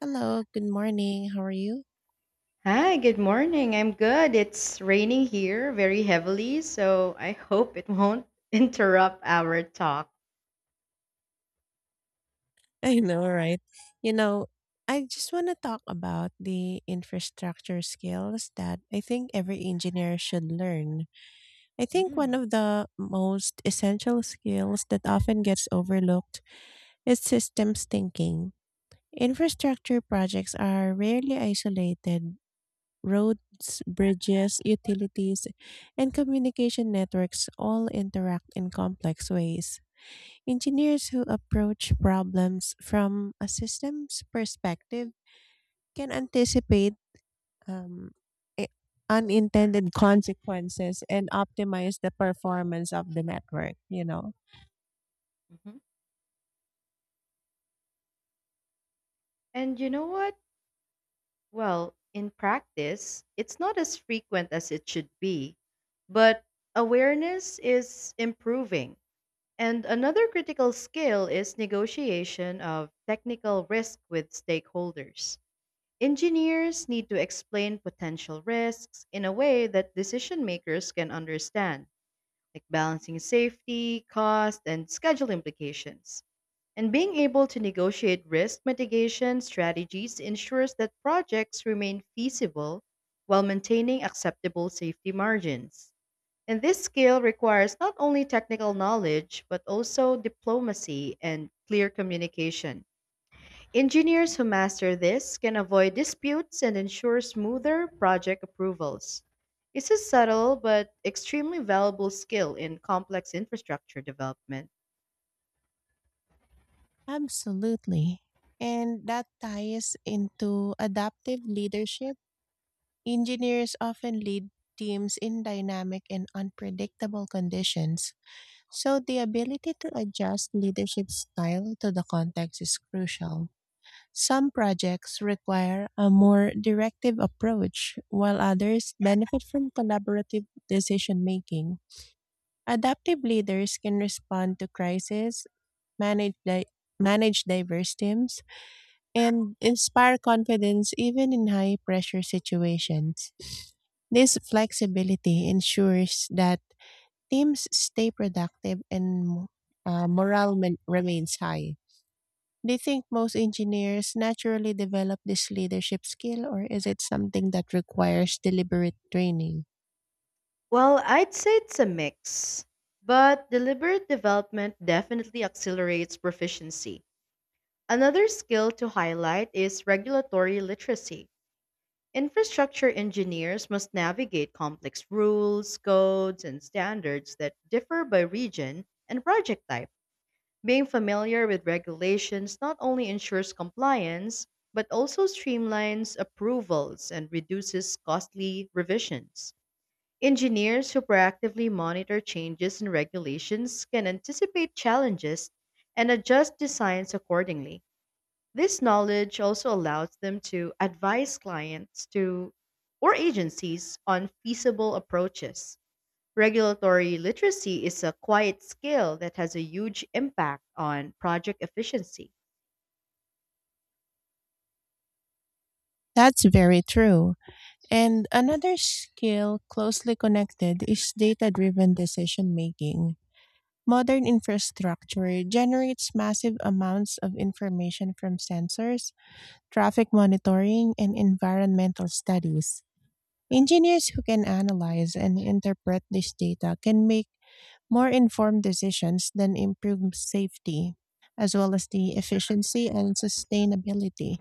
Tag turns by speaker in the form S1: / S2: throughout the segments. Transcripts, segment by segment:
S1: Hello, good morning. How are you?
S2: Hi, good morning. I'm good. It's raining here very heavily, so I hope it won't interrupt our talk.
S1: I know, right? You know, I just want to talk about the infrastructure skills that I think every engineer should learn. I think one
S2: Mm,
S1: of the most essential skills that often gets overlooked is systems thinking. Infrastructure projects are rarely isolated. Roads, bridges, utilities, and communication networks all interact in complex ways. Engineers who approach problems from a systems perspective can anticipate um, i- unintended consequences and optimize the performance of the network.
S2: mhm. And you know what? Well, in practice, it's not as frequent as it should be, but awareness is improving. And another critical skill is negotiation of technical risk with stakeholders. Engineers need to explain potential risks in a way that decision makers can understand, like balancing safety, cost, and schedule implications. And being able to negotiate risk mitigation strategies ensures that projects remain feasible while maintaining acceptable safety margins. And this skill requires not only technical knowledge, but also diplomacy and clear communication. Engineers who master this can avoid disputes and ensure smoother project approvals. It's a subtle but extremely valuable skill in complex infrastructure development.
S1: Absolutely. And that ties into adaptive leadership. Engineers often lead teams in dynamic and unpredictable conditions, so the ability to adjust leadership style to the context is crucial. Some projects require a more directive approach, while others benefit from collaborative decision making. Adaptive leaders can respond to crisis, manage, di- manage diverse teams, and inspire confidence even in high pressure situations. This flexibility ensures that teams stay productive and morale remains high. Do you think most engineers naturally develop this leadership skill, or is it something that requires deliberate training?
S2: Well, I'd say it's a mix, but deliberate development definitely accelerates proficiency. Another skill to highlight is regulatory literacy. Infrastructure engineers must navigate complex rules, codes, and standards that differ by region and project type. Being familiar with regulations not only ensures compliance, but also streamlines approvals and reduces costly revisions. Engineers who proactively monitor changes in regulations can anticipate challenges and adjust designs accordingly. This knowledge also allows them to advise clients to or agencies on feasible approaches. Regulatory literacy is a quiet skill that has a huge impact on project efficiency.
S1: That's very true. And another skill closely connected is data driven decision making. Modern infrastructure generates massive amounts of information from sensors, traffic monitoring, and environmental studies. Engineers who can analyze and interpret this data can make more informed decisions then improve safety, as well as the efficiency and sustainability.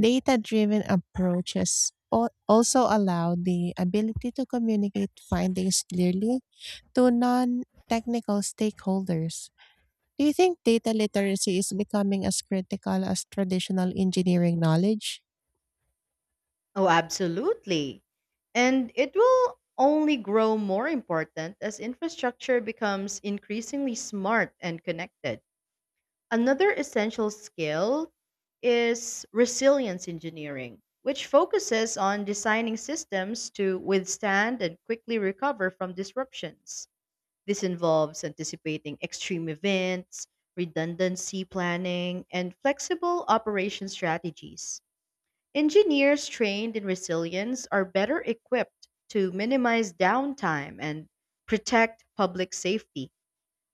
S1: Data driven approaches also allow the ability to communicate findings clearly to non technical stakeholders. Do you think data literacy is becoming as critical as traditional engineering knowledge?
S2: Oh, absolutely. And it will only grow more important as infrastructure becomes increasingly smart and connected. Another essential skill is resilience engineering, which focuses on designing systems to withstand and quickly recover from disruptions. This involves anticipating extreme events, redundancy planning, and flexible operation strategies. Engineers trained in resilience are better equipped to minimize downtime and protect public safety.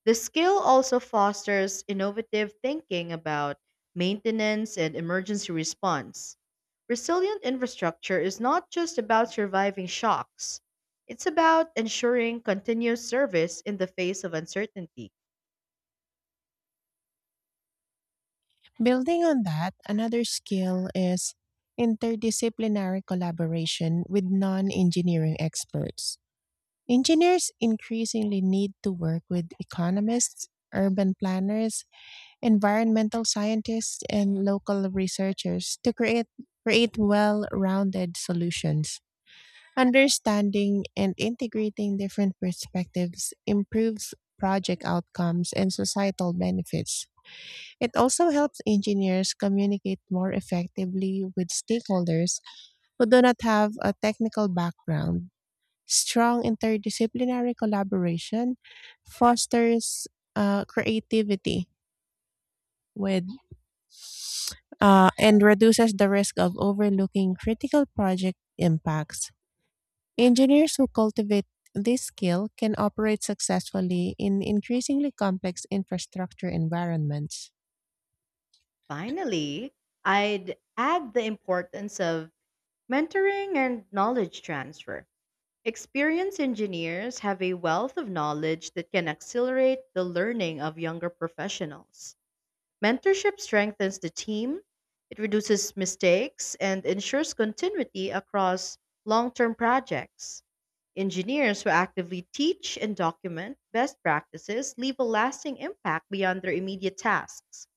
S2: The skill also fosters innovative thinking about maintenance and emergency response. Resilient infrastructure is not just about surviving shocks, it's about ensuring continuous service in the face of uncertainty.
S1: Building on that, another skill is interdisciplinary collaboration with non engineering experts. Engineers increasingly need to work with economists, urban planners, environmental scientists, and local researchers to create well rounded solutions. Understanding and integrating different perspectives improves project outcomes and societal benefits. It also helps engineers communicate more effectively with stakeholders who do not have a technical background. Strong interdisciplinary collaboration fosters creativity with and reduces the risk of overlooking critical project impacts. Engineers who cultivate this skill can operate successfully in increasingly complex infrastructure environments.
S2: Finally, I'd add the importance of mentoring and knowledge transfer. Experienced engineers have a wealth of knowledge that can accelerate the learning of younger professionals. Mentorship strengthens the team, it reduces mistakes, and ensures continuity across long term projects. Engineers who actively teach and document best practices leave a lasting impact beyond their immediate tasks.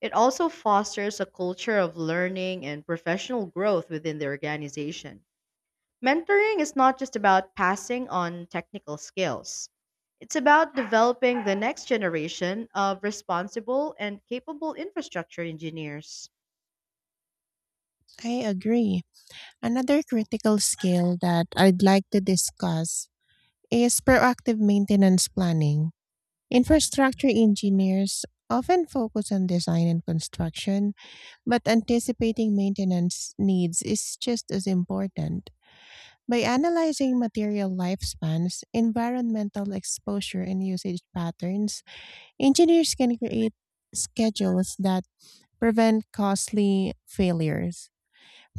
S2: It also fosters a culture of learning and professional growth within the organization. Mentoring is not just about passing on technical skills. It's about developing the next generation of responsible and capable infrastructure engineers.
S1: I agree. Another critical skill that I'd like to discuss is proactive maintenance planning. Infrastructure engineers often focus on design and construction, but anticipating maintenance needs is just as important. By analyzing material lifespans, environmental exposure, and usage patterns, engineers can create schedules that prevent costly failures.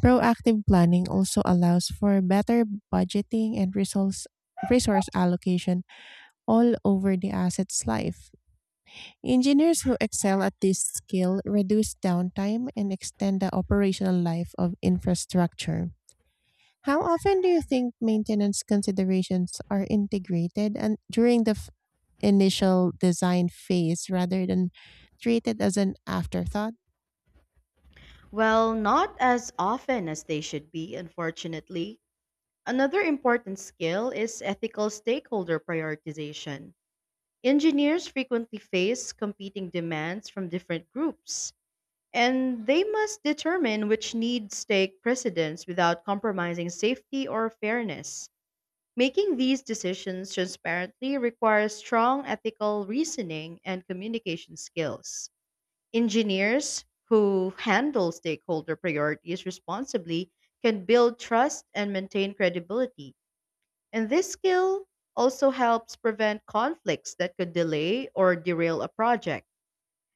S1: Proactive planning also allows for better budgeting and resource allocation all over the asset's life. Engineers who excel at this skill reduce downtime and extend the operational life of infrastructure. How often do you think maintenance considerations are integrated and during the initial design phase rather than treated as an afterthought?
S2: Well, not as often as they should be, unfortunately. Another important skill is ethical stakeholder prioritization. Engineers frequently face competing demands from different groups, and they must determine which needs take precedence without compromising safety or fairness. Making these decisions transparently requires strong ethical reasoning and communication skills. Engineers who handle stakeholder priorities responsibly can build trust and maintain credibility. And this skill also helps prevent conflicts that could delay or derail a project.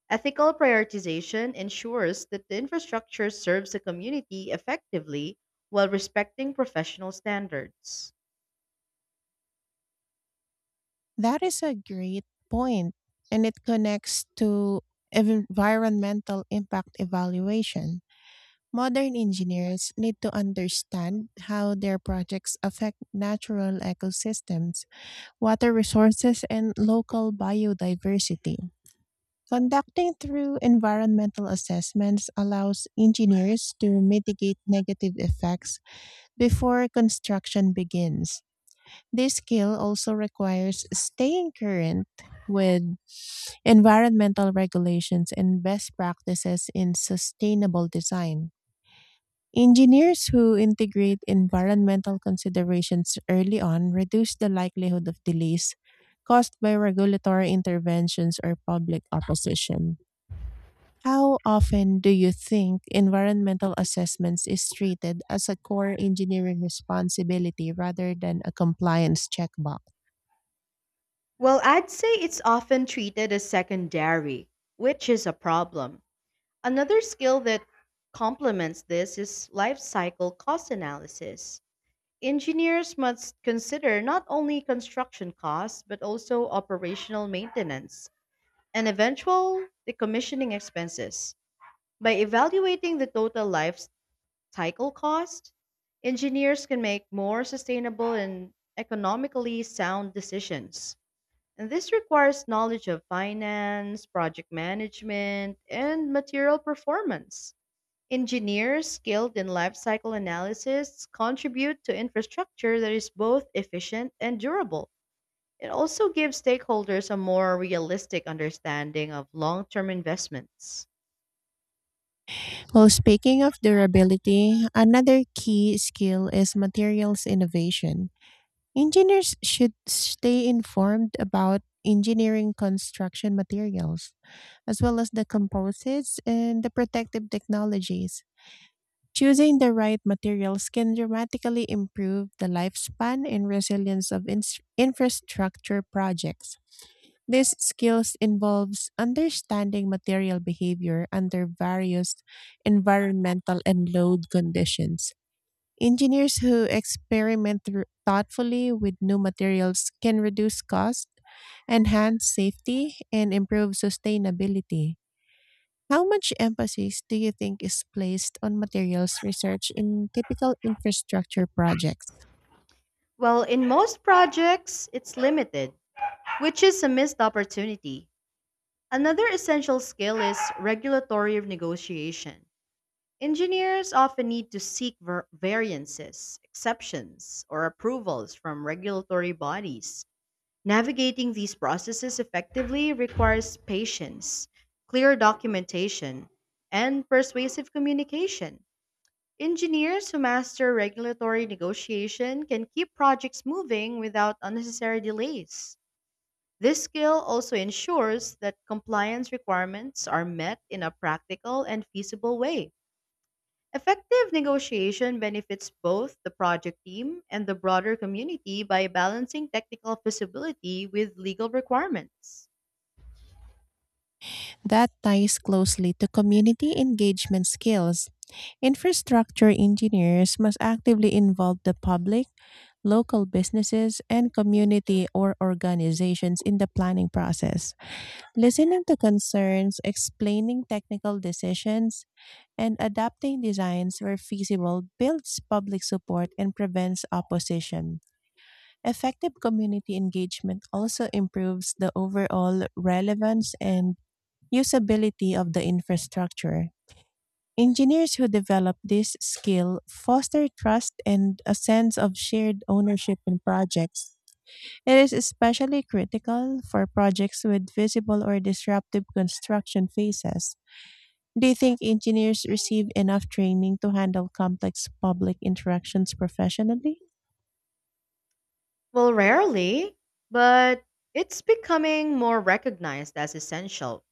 S2: Ethical prioritization ensures that the infrastructure serves the community effectively while respecting professional standards.
S1: That is a great point, and it connects to environmental impact evaluation. Modern engineers need to understand how their projects affect natural ecosystems, water resources, and local biodiversity. Conducting through environmental assessments allows engineers to mitigate negative effects before construction begins. This skill also requires staying current with environmental regulations and best practices in sustainable design. Engineers who integrate environmental considerations early on reduce the likelihood of delays caused by regulatory interventions or public opposition. How often do you think environmental assessments is treated as a core engineering responsibility rather than a compliance checkbox?
S2: Well, I'd say it's often treated as secondary, which is a problem. Another skill that complements this is life cycle cost analysis. Engineers must consider not only construction costs, but also operational maintenance and eventual decommissioning expenses. By evaluating the total life cycle cost, engineers can make more sustainable and economically sound decisions. And this requires knowledge of finance, project management, and material performance. Engineers skilled in life cycle analysis contribute to infrastructure that is both efficient and durable. It also gives stakeholders a more realistic understanding of long term investments.
S1: Well, speaking of durability, another key skill is materials innovation. Engineers should stay informed about engineering construction materials, as well as the composites and the protective technologies. Choosing the right materials can dramatically improve the lifespan and resilience of infrastructure projects. These skills involves understanding material behavior under various environmental and load conditions. Engineers who experiment thoughtfully with new materials can reduce cost, enhance safety, and improve sustainability. How much emphasis do you think is placed on materials research in typical infrastructure projects?
S2: Well, in most projects, it's limited, which is a missed opportunity. Another essential skill is regulatory negotiation. Engineers often need to seek variances, exceptions, or approvals from regulatory bodies. Navigating these processes effectively requires patience, clear documentation, and persuasive communication. Engineers who master regulatory negotiation can keep projects moving without unnecessary delays. This skill also ensures that compliance requirements are met in a practical and feasible way. Effective negotiation benefits both the project team and the broader community by balancing technical feasibility with legal requirements.
S1: That ties closely to community engagement skills. Infrastructure engineers must actively involve the public, local businesses, and community or organizations in the planning process. Listening to concerns, explaining technical decisions, and adapting designs where feasible builds public support and prevents opposition. Effective community engagement also improves the overall relevance and usability of the infrastructure. Engineers who develop this skill foster trust and a sense of shared ownership in projects. It is especially critical for projects with visible or disruptive construction phases. Do you think engineers receive enough training to handle complex public interactions professionally?
S2: Well, rarely, but it's becoming more recognized as essential.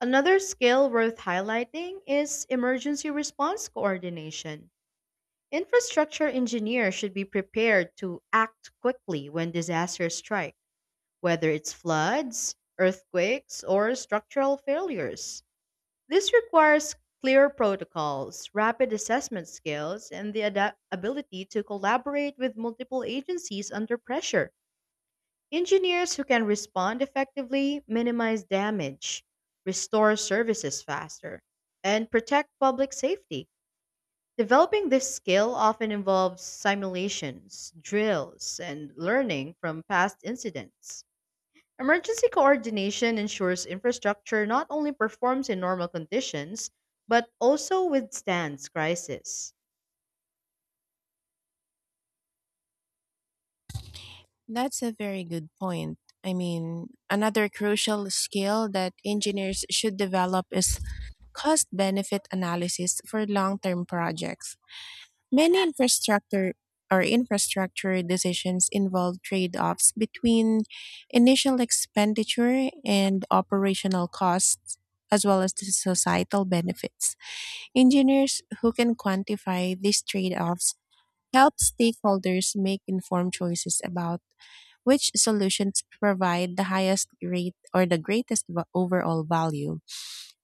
S2: Another skill worth highlighting is emergency response coordination. Infrastructure engineers should be prepared to act quickly when disasters strike, whether it's floods, earthquakes, or structural failures. This requires clear protocols, rapid assessment skills, and the ability to collaborate with multiple agencies under pressure. Engineers who can respond effectively minimize damage, restore services faster, and protect public safety. Developing this skill often involves simulations, drills, and learning from past incidents. Emergency coordination ensures infrastructure not only performs in normal conditions, but also withstands crisis.
S1: That's a very good point. I mean, another crucial skill that engineers should develop is cost benefit analysis for long term projects. Many infrastructure decisions involve trade-offs between initial expenditure and operational costs as well as the societal benefits. Engineers who can quantify these trade-offs help stakeholders make informed choices about which solutions provide the highest rate or the greatest overall value.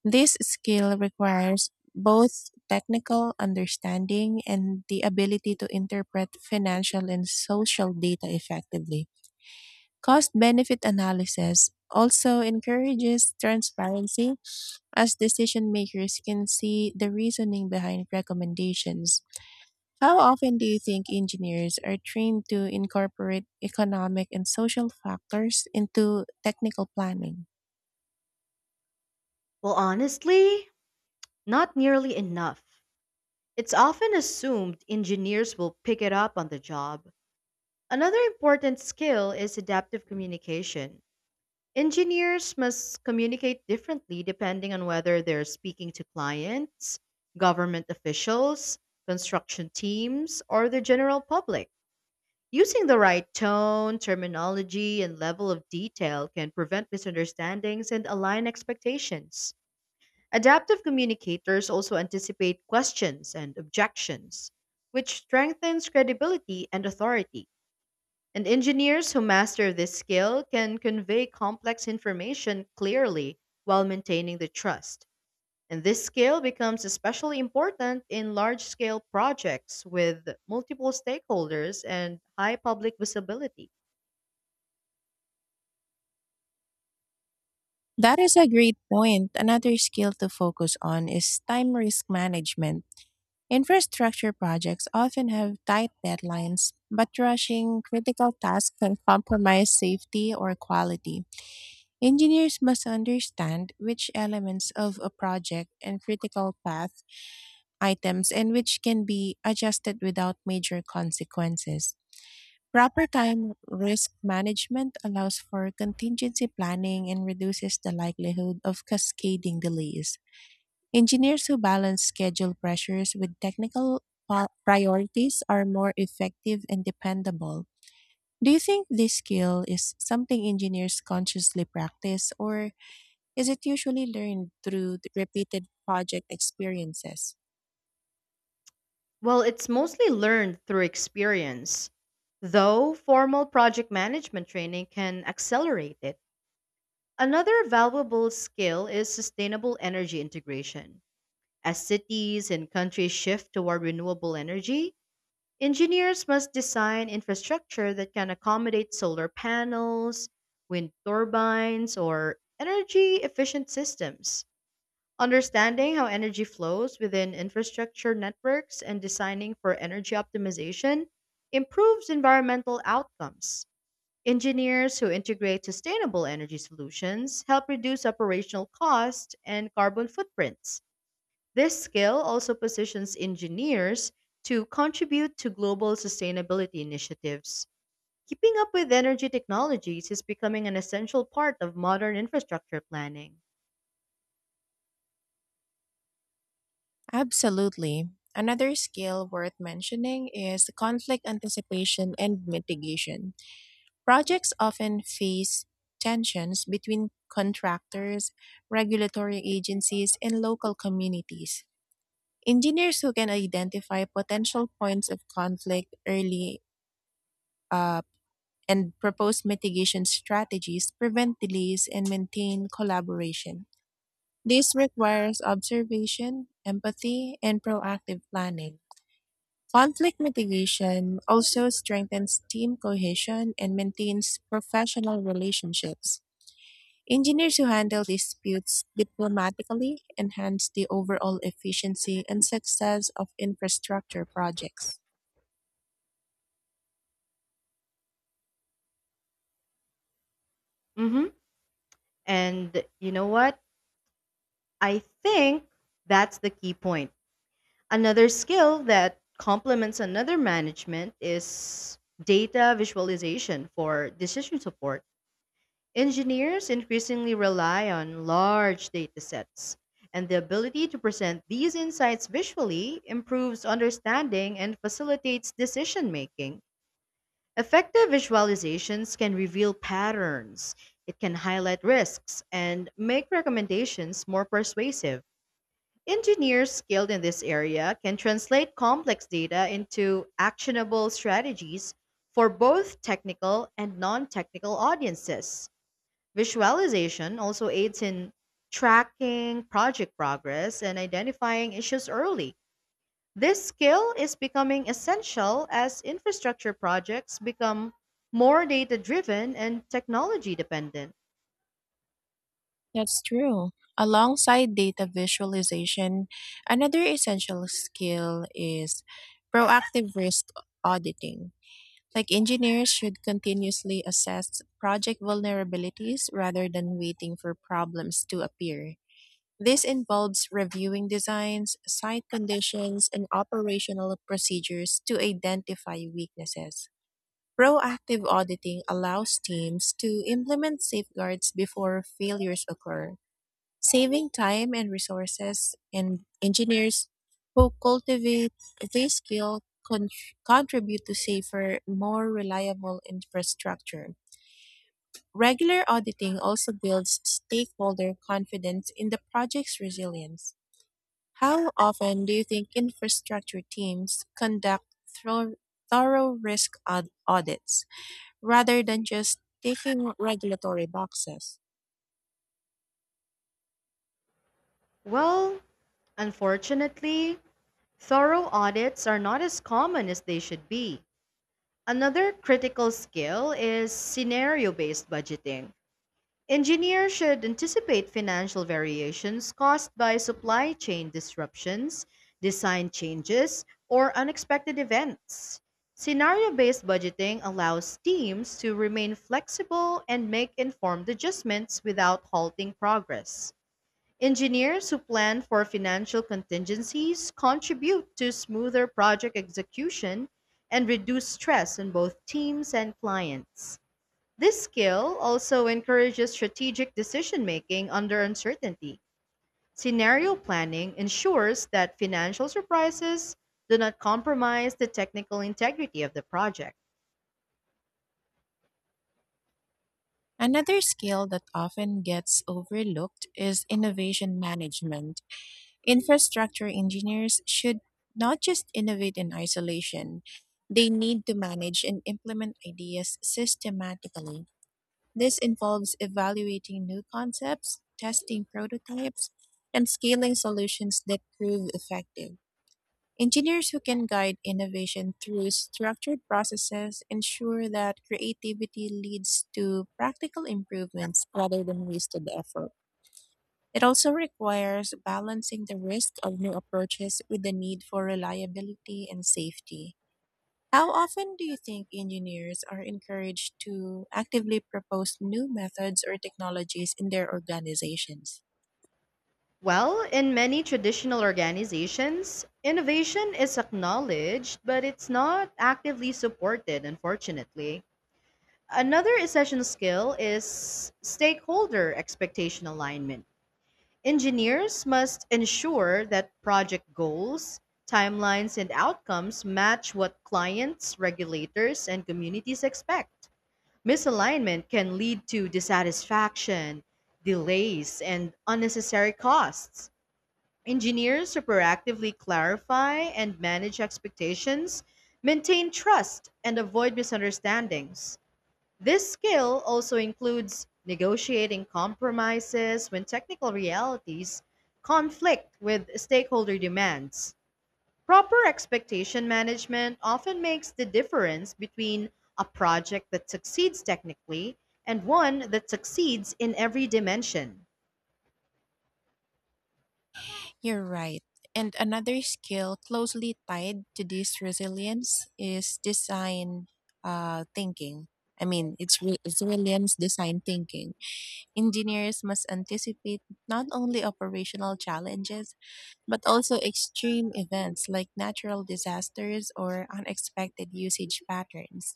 S1: This skill requires both technical understanding and the ability to interpret financial and social data effectively. Cost benefit analysis also encourages transparency as decision makers can see the reasoning behind recommendations. How often do you think engineers are trained to incorporate economic and social factors into technical planning?
S2: Well, honestly, not nearly enough. It's often assumed engineers will pick it up on the job. Another important skill is adaptive communication. Engineers must communicate differently depending on whether they're speaking to clients, government officials, construction teams, or the general public. Using the right tone, terminology, and level of detail can prevent misunderstandings and align expectations. Adaptive communicators also anticipate questions and objections, which strengthens credibility and authority. And engineers who master this skill can convey complex information clearly while maintaining the trust. And this skill becomes especially important in large scale projects with multiple stakeholders and high public visibility.
S1: That is a great point. Another skill to focus on is time risk management. Infrastructure projects often have tight deadlines, but rushing critical tasks can compromise safety or quality. Engineers must understand which elements of a project and critical path items and which can be adjusted without major consequences. Proper time risk management allows for contingency planning and reduces the likelihood of cascading delays. Engineers who balance schedule pressures with technical priorities are more effective and dependable. Do you think this skill is something engineers consciously practice, or is it usually learned through the repeated project experiences?
S2: Well, it's mostly learned through experience, though formal project management training can accelerate it. Another valuable skill is sustainable energy integration. As cities and countries shift toward renewable energy, engineers must design infrastructure that can accommodate solar panels, wind turbines, or energy efficient systems. Understanding how energy flows within infrastructure networks and designing for energy optimization improves environmental outcomes. Engineers who integrate sustainable energy solutions help reduce operational costs and carbon footprints. This skill also positions engineers to contribute to global sustainability initiatives. Keeping up with energy technologies is becoming an essential part of modern infrastructure planning.
S1: Absolutely. Another skill worth mentioning is conflict anticipation and mitigation. Projects often face tensions between contractors, regulatory agencies, and local communities. Engineers who can identify potential points of conflict early uh, and propose mitigation strategies prevent delays and maintain collaboration. This requires observation, empathy, and proactive planning. Conflict mitigation also strengthens team cohesion and maintains professional relationships. Engineers who handle disputes diplomatically enhance the overall efficiency and success of infrastructure projects.
S2: Mhm. And you know what? I think that's the key point. Another skill that complements another management is data visualization for decision support. Engineers increasingly rely on large data sets, and the ability to present these insights visually improves understanding and facilitates decision making. Effective visualizations can reveal patterns, it can highlight risks, and make recommendations more persuasive. Engineers skilled in this area can translate complex data into actionable strategies for both technical and non technical audiences. Visualization also aids in tracking project progress and identifying issues early. This skill is becoming essential as infrastructure projects become more data driven and technology dependent.
S1: That's true. Alongside data visualization, another essential skill is proactive risk auditing. Like engineers should continuously assess project vulnerabilities rather than waiting for problems to appear. This involves reviewing designs, site conditions, and operational procedures to identify weaknesses. Proactive auditing allows teams to implement safeguards before failures occur, saving time and resources, and engineers who cultivate this skill con- contribute to safer, more reliable infrastructure. Regular auditing also builds stakeholder confidence in the project's resilience. How often do you think infrastructure teams conduct thorough risk audits rather than just taking regulatory boxes?
S2: Well, unfortunately, thorough audits are not as common as they should be. Another critical skill is scenario based budgeting. Engineers should anticipate financial variations caused by supply chain disruptions, design changes, or unexpected events. Scenario based budgeting allows teams to remain flexible and make informed adjustments without halting progress. Engineers who plan for financial contingencies contribute to smoother project execution and reduce stress on both teams and clients. This skill also encourages strategic decision making under uncertainty. Scenario planning ensures that financial surprises do not compromise the technical integrity of the project.
S1: Another skill that often gets overlooked is innovation management. Infrastructure engineers should not just innovate in isolation, they need to manage and implement ideas systematically. This involves evaluating new concepts, testing prototypes, and scaling solutions that prove effective. Engineers who can guide innovation through structured processes ensure that creativity leads to practical improvements rather than wasted effort. It also requires balancing the risk of new approaches with the need for reliability and safety. How often do you think engineers are encouraged to actively propose new methods or technologies in their organizations?
S2: Well, in many traditional organizations, innovation is acknowledged, but it's not actively supported, unfortunately. Another essential skill is stakeholder expectation alignment. Engineers must ensure that project goals, timelines, and outcomes match what clients, regulators, and communities expect. Misalignment can lead to dissatisfaction, delays, and unnecessary costs. Engineers who proactively clarify and manage expectations maintain trust and avoid misunderstandings. This skill also includes negotiating compromises when technical realities conflict with stakeholder demands. Proper expectation management often makes the difference between a project that succeeds technically and one that succeeds in every dimension.
S1: You're right. And another skill closely tied to this resilience is design thinking. It's resilience design thinking. Engineers must anticipate not only operational challenges, but also extreme events like natural disasters or unexpected usage patterns.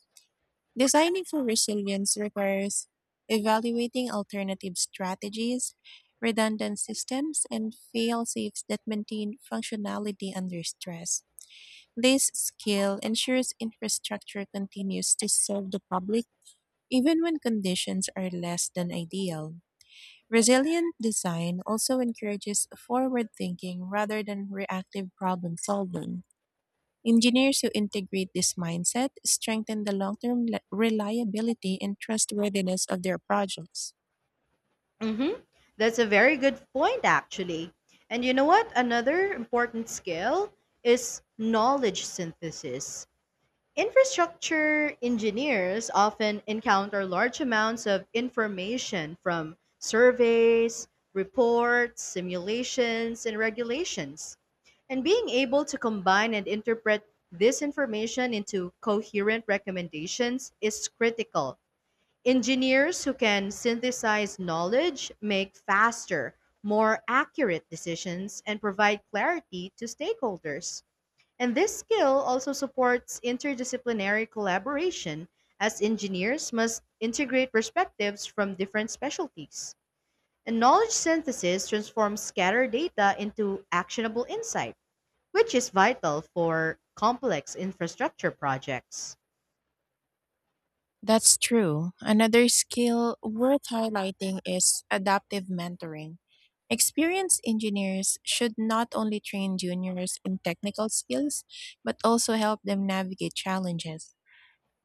S1: Designing for resilience requires evaluating alternative strategies, redundant systems, and fail safes that maintain functionality under stress. This skill ensures infrastructure continues to serve the public even when conditions are less than ideal. Resilient design also encourages forward thinking rather than reactive problem solving. Engineers who integrate this mindset strengthen the long term reliability and trustworthiness of their projects.
S2: Mm-hmm. That's a very good point, actually. And you know what? Another important skill is knowledge synthesis. Infrastructure engineers often encounter large amounts of information from surveys, reports, simulations, and regulations. And being able to combine and interpret this information into coherent recommendations is critical. Engineers who can synthesize knowledge make faster, more accurate decisions and provide clarity to stakeholders. And this skill also supports interdisciplinary collaboration, as engineers must integrate perspectives from different specialties. And knowledge synthesis transforms scattered data into actionable insight, which is vital for complex infrastructure projects.
S1: That's true. Another skill worth highlighting is adaptive mentoring. Experienced engineers should not only train juniors in technical skills, but also help them navigate challenges,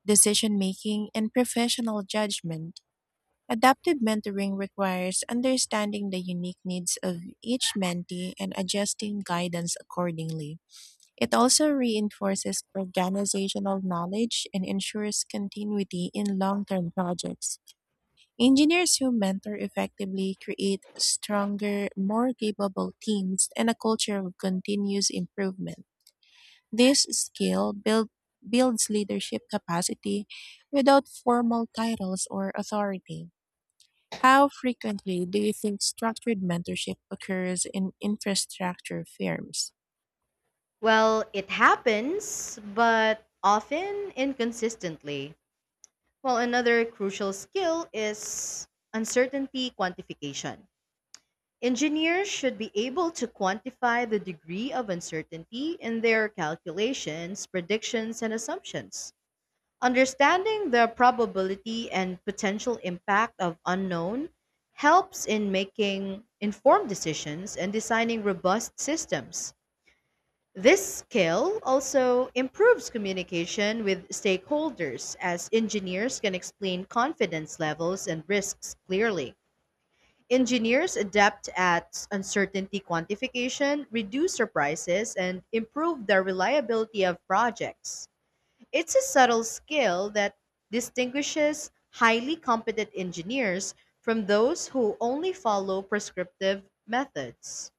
S1: decision making, and professional judgment. Adaptive mentoring requires understanding the unique needs of each mentee and adjusting guidance accordingly. It also reinforces organizational knowledge and ensures continuity in long term projects. Engineers who mentor effectively create stronger, more capable teams and a culture of continuous improvement. This skill builds leadership capacity without formal titles or authority. How frequently do you think structured mentorship occurs in infrastructure firms?
S2: Well, it happens, but often inconsistently. While another crucial skill is uncertainty quantification. Engineers should be able to quantify the degree of uncertainty in their calculations, predictions, and assumptions. Understanding the probability and potential impact of unknown helps in making informed decisions and designing robust systems. This skill also improves communication with stakeholders as engineers can explain confidence levels and risks clearly. Engineers adept at uncertainty quantification, reduce surprises, and improve the reliability of projects. It's a subtle skill that distinguishes highly competent engineers from those who only follow prescriptive methods.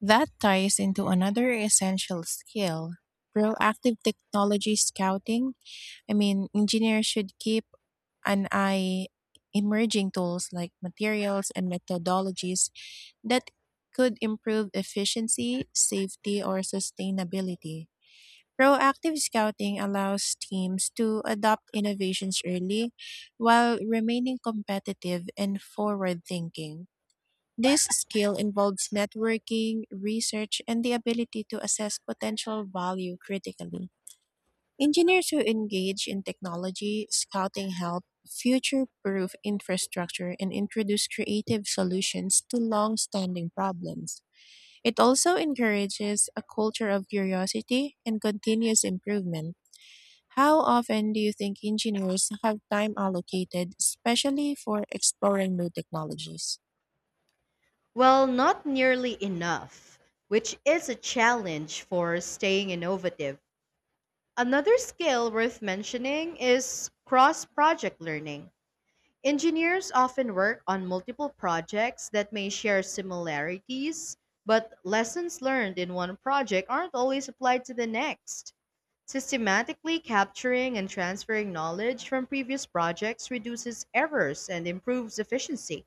S1: That ties into another essential skill, proactive technology scouting. I mean, engineers should keep an eye emerging tools like materials and methodologies that could improve efficiency, safety, or sustainability. Proactive scouting allows teams to adopt innovations early while remaining competitive and forward thinking. This skill involves networking, research, and the ability to assess potential value critically. Engineers who engage in technology scouting help future proof infrastructure and introduce creative solutions to long standing problems. It also encourages a culture of curiosity and continuous improvement. How often do you think engineers have time allocated, especially for exploring new technologies?
S2: Well, not nearly enough, which is a challenge for staying innovative. Another skill worth mentioning is cross project learning. Engineers often work on multiple projects that may share similarities, but lessons learned in one project aren't always applied to the next. Systematically capturing and transferring knowledge from previous projects reduces errors and improves efficiency.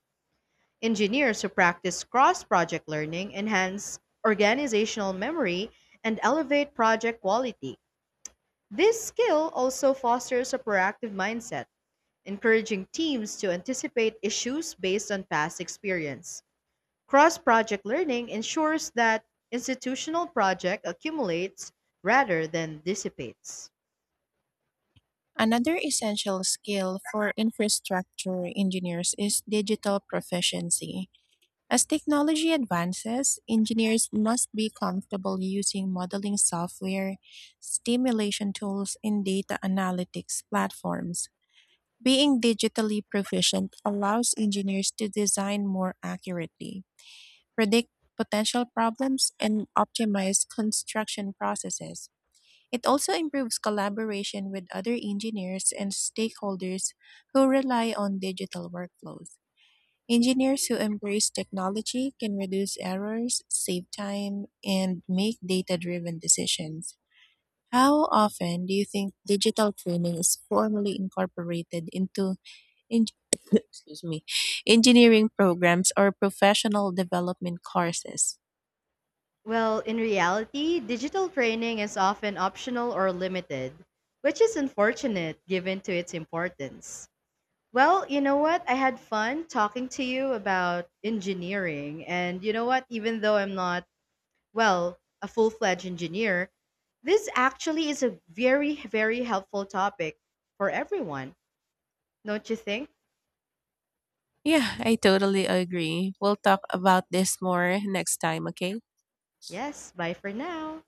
S2: Engineers who practice cross project learning enhance organizational memory and elevate project quality. This skill also fosters a proactive mindset, encouraging teams to anticipate issues based on past experience. Cross project learning ensures that institutional project accumulates rather than dissipates.
S1: Another essential skill for infrastructure engineers is digital proficiency. As technology advances, engineers must be comfortable using modeling software, simulation tools, and data analytics platforms. Being digitally proficient allows engineers to design more accurately, predict potential problems, and optimize construction processes. It also improves collaboration with other engineers and stakeholders who rely on digital workflows. Engineers who embrace technology can reduce errors, save time, and make data driven decisions. How often do you think digital training is formally incorporated into en- excuse me, engineering programs or professional development courses?
S2: Well, in reality, digital training is often optional or limited, which is unfortunate given to its importance. Well, you know what? I had fun talking to you about engineering. And you know what? Even though I'm not, well, a full fledged engineer, this actually is a very, very helpful topic for everyone. Don't you think?
S1: Yeah, I totally agree. We'll talk about this more next time, okay?
S2: Yes. Bye for now.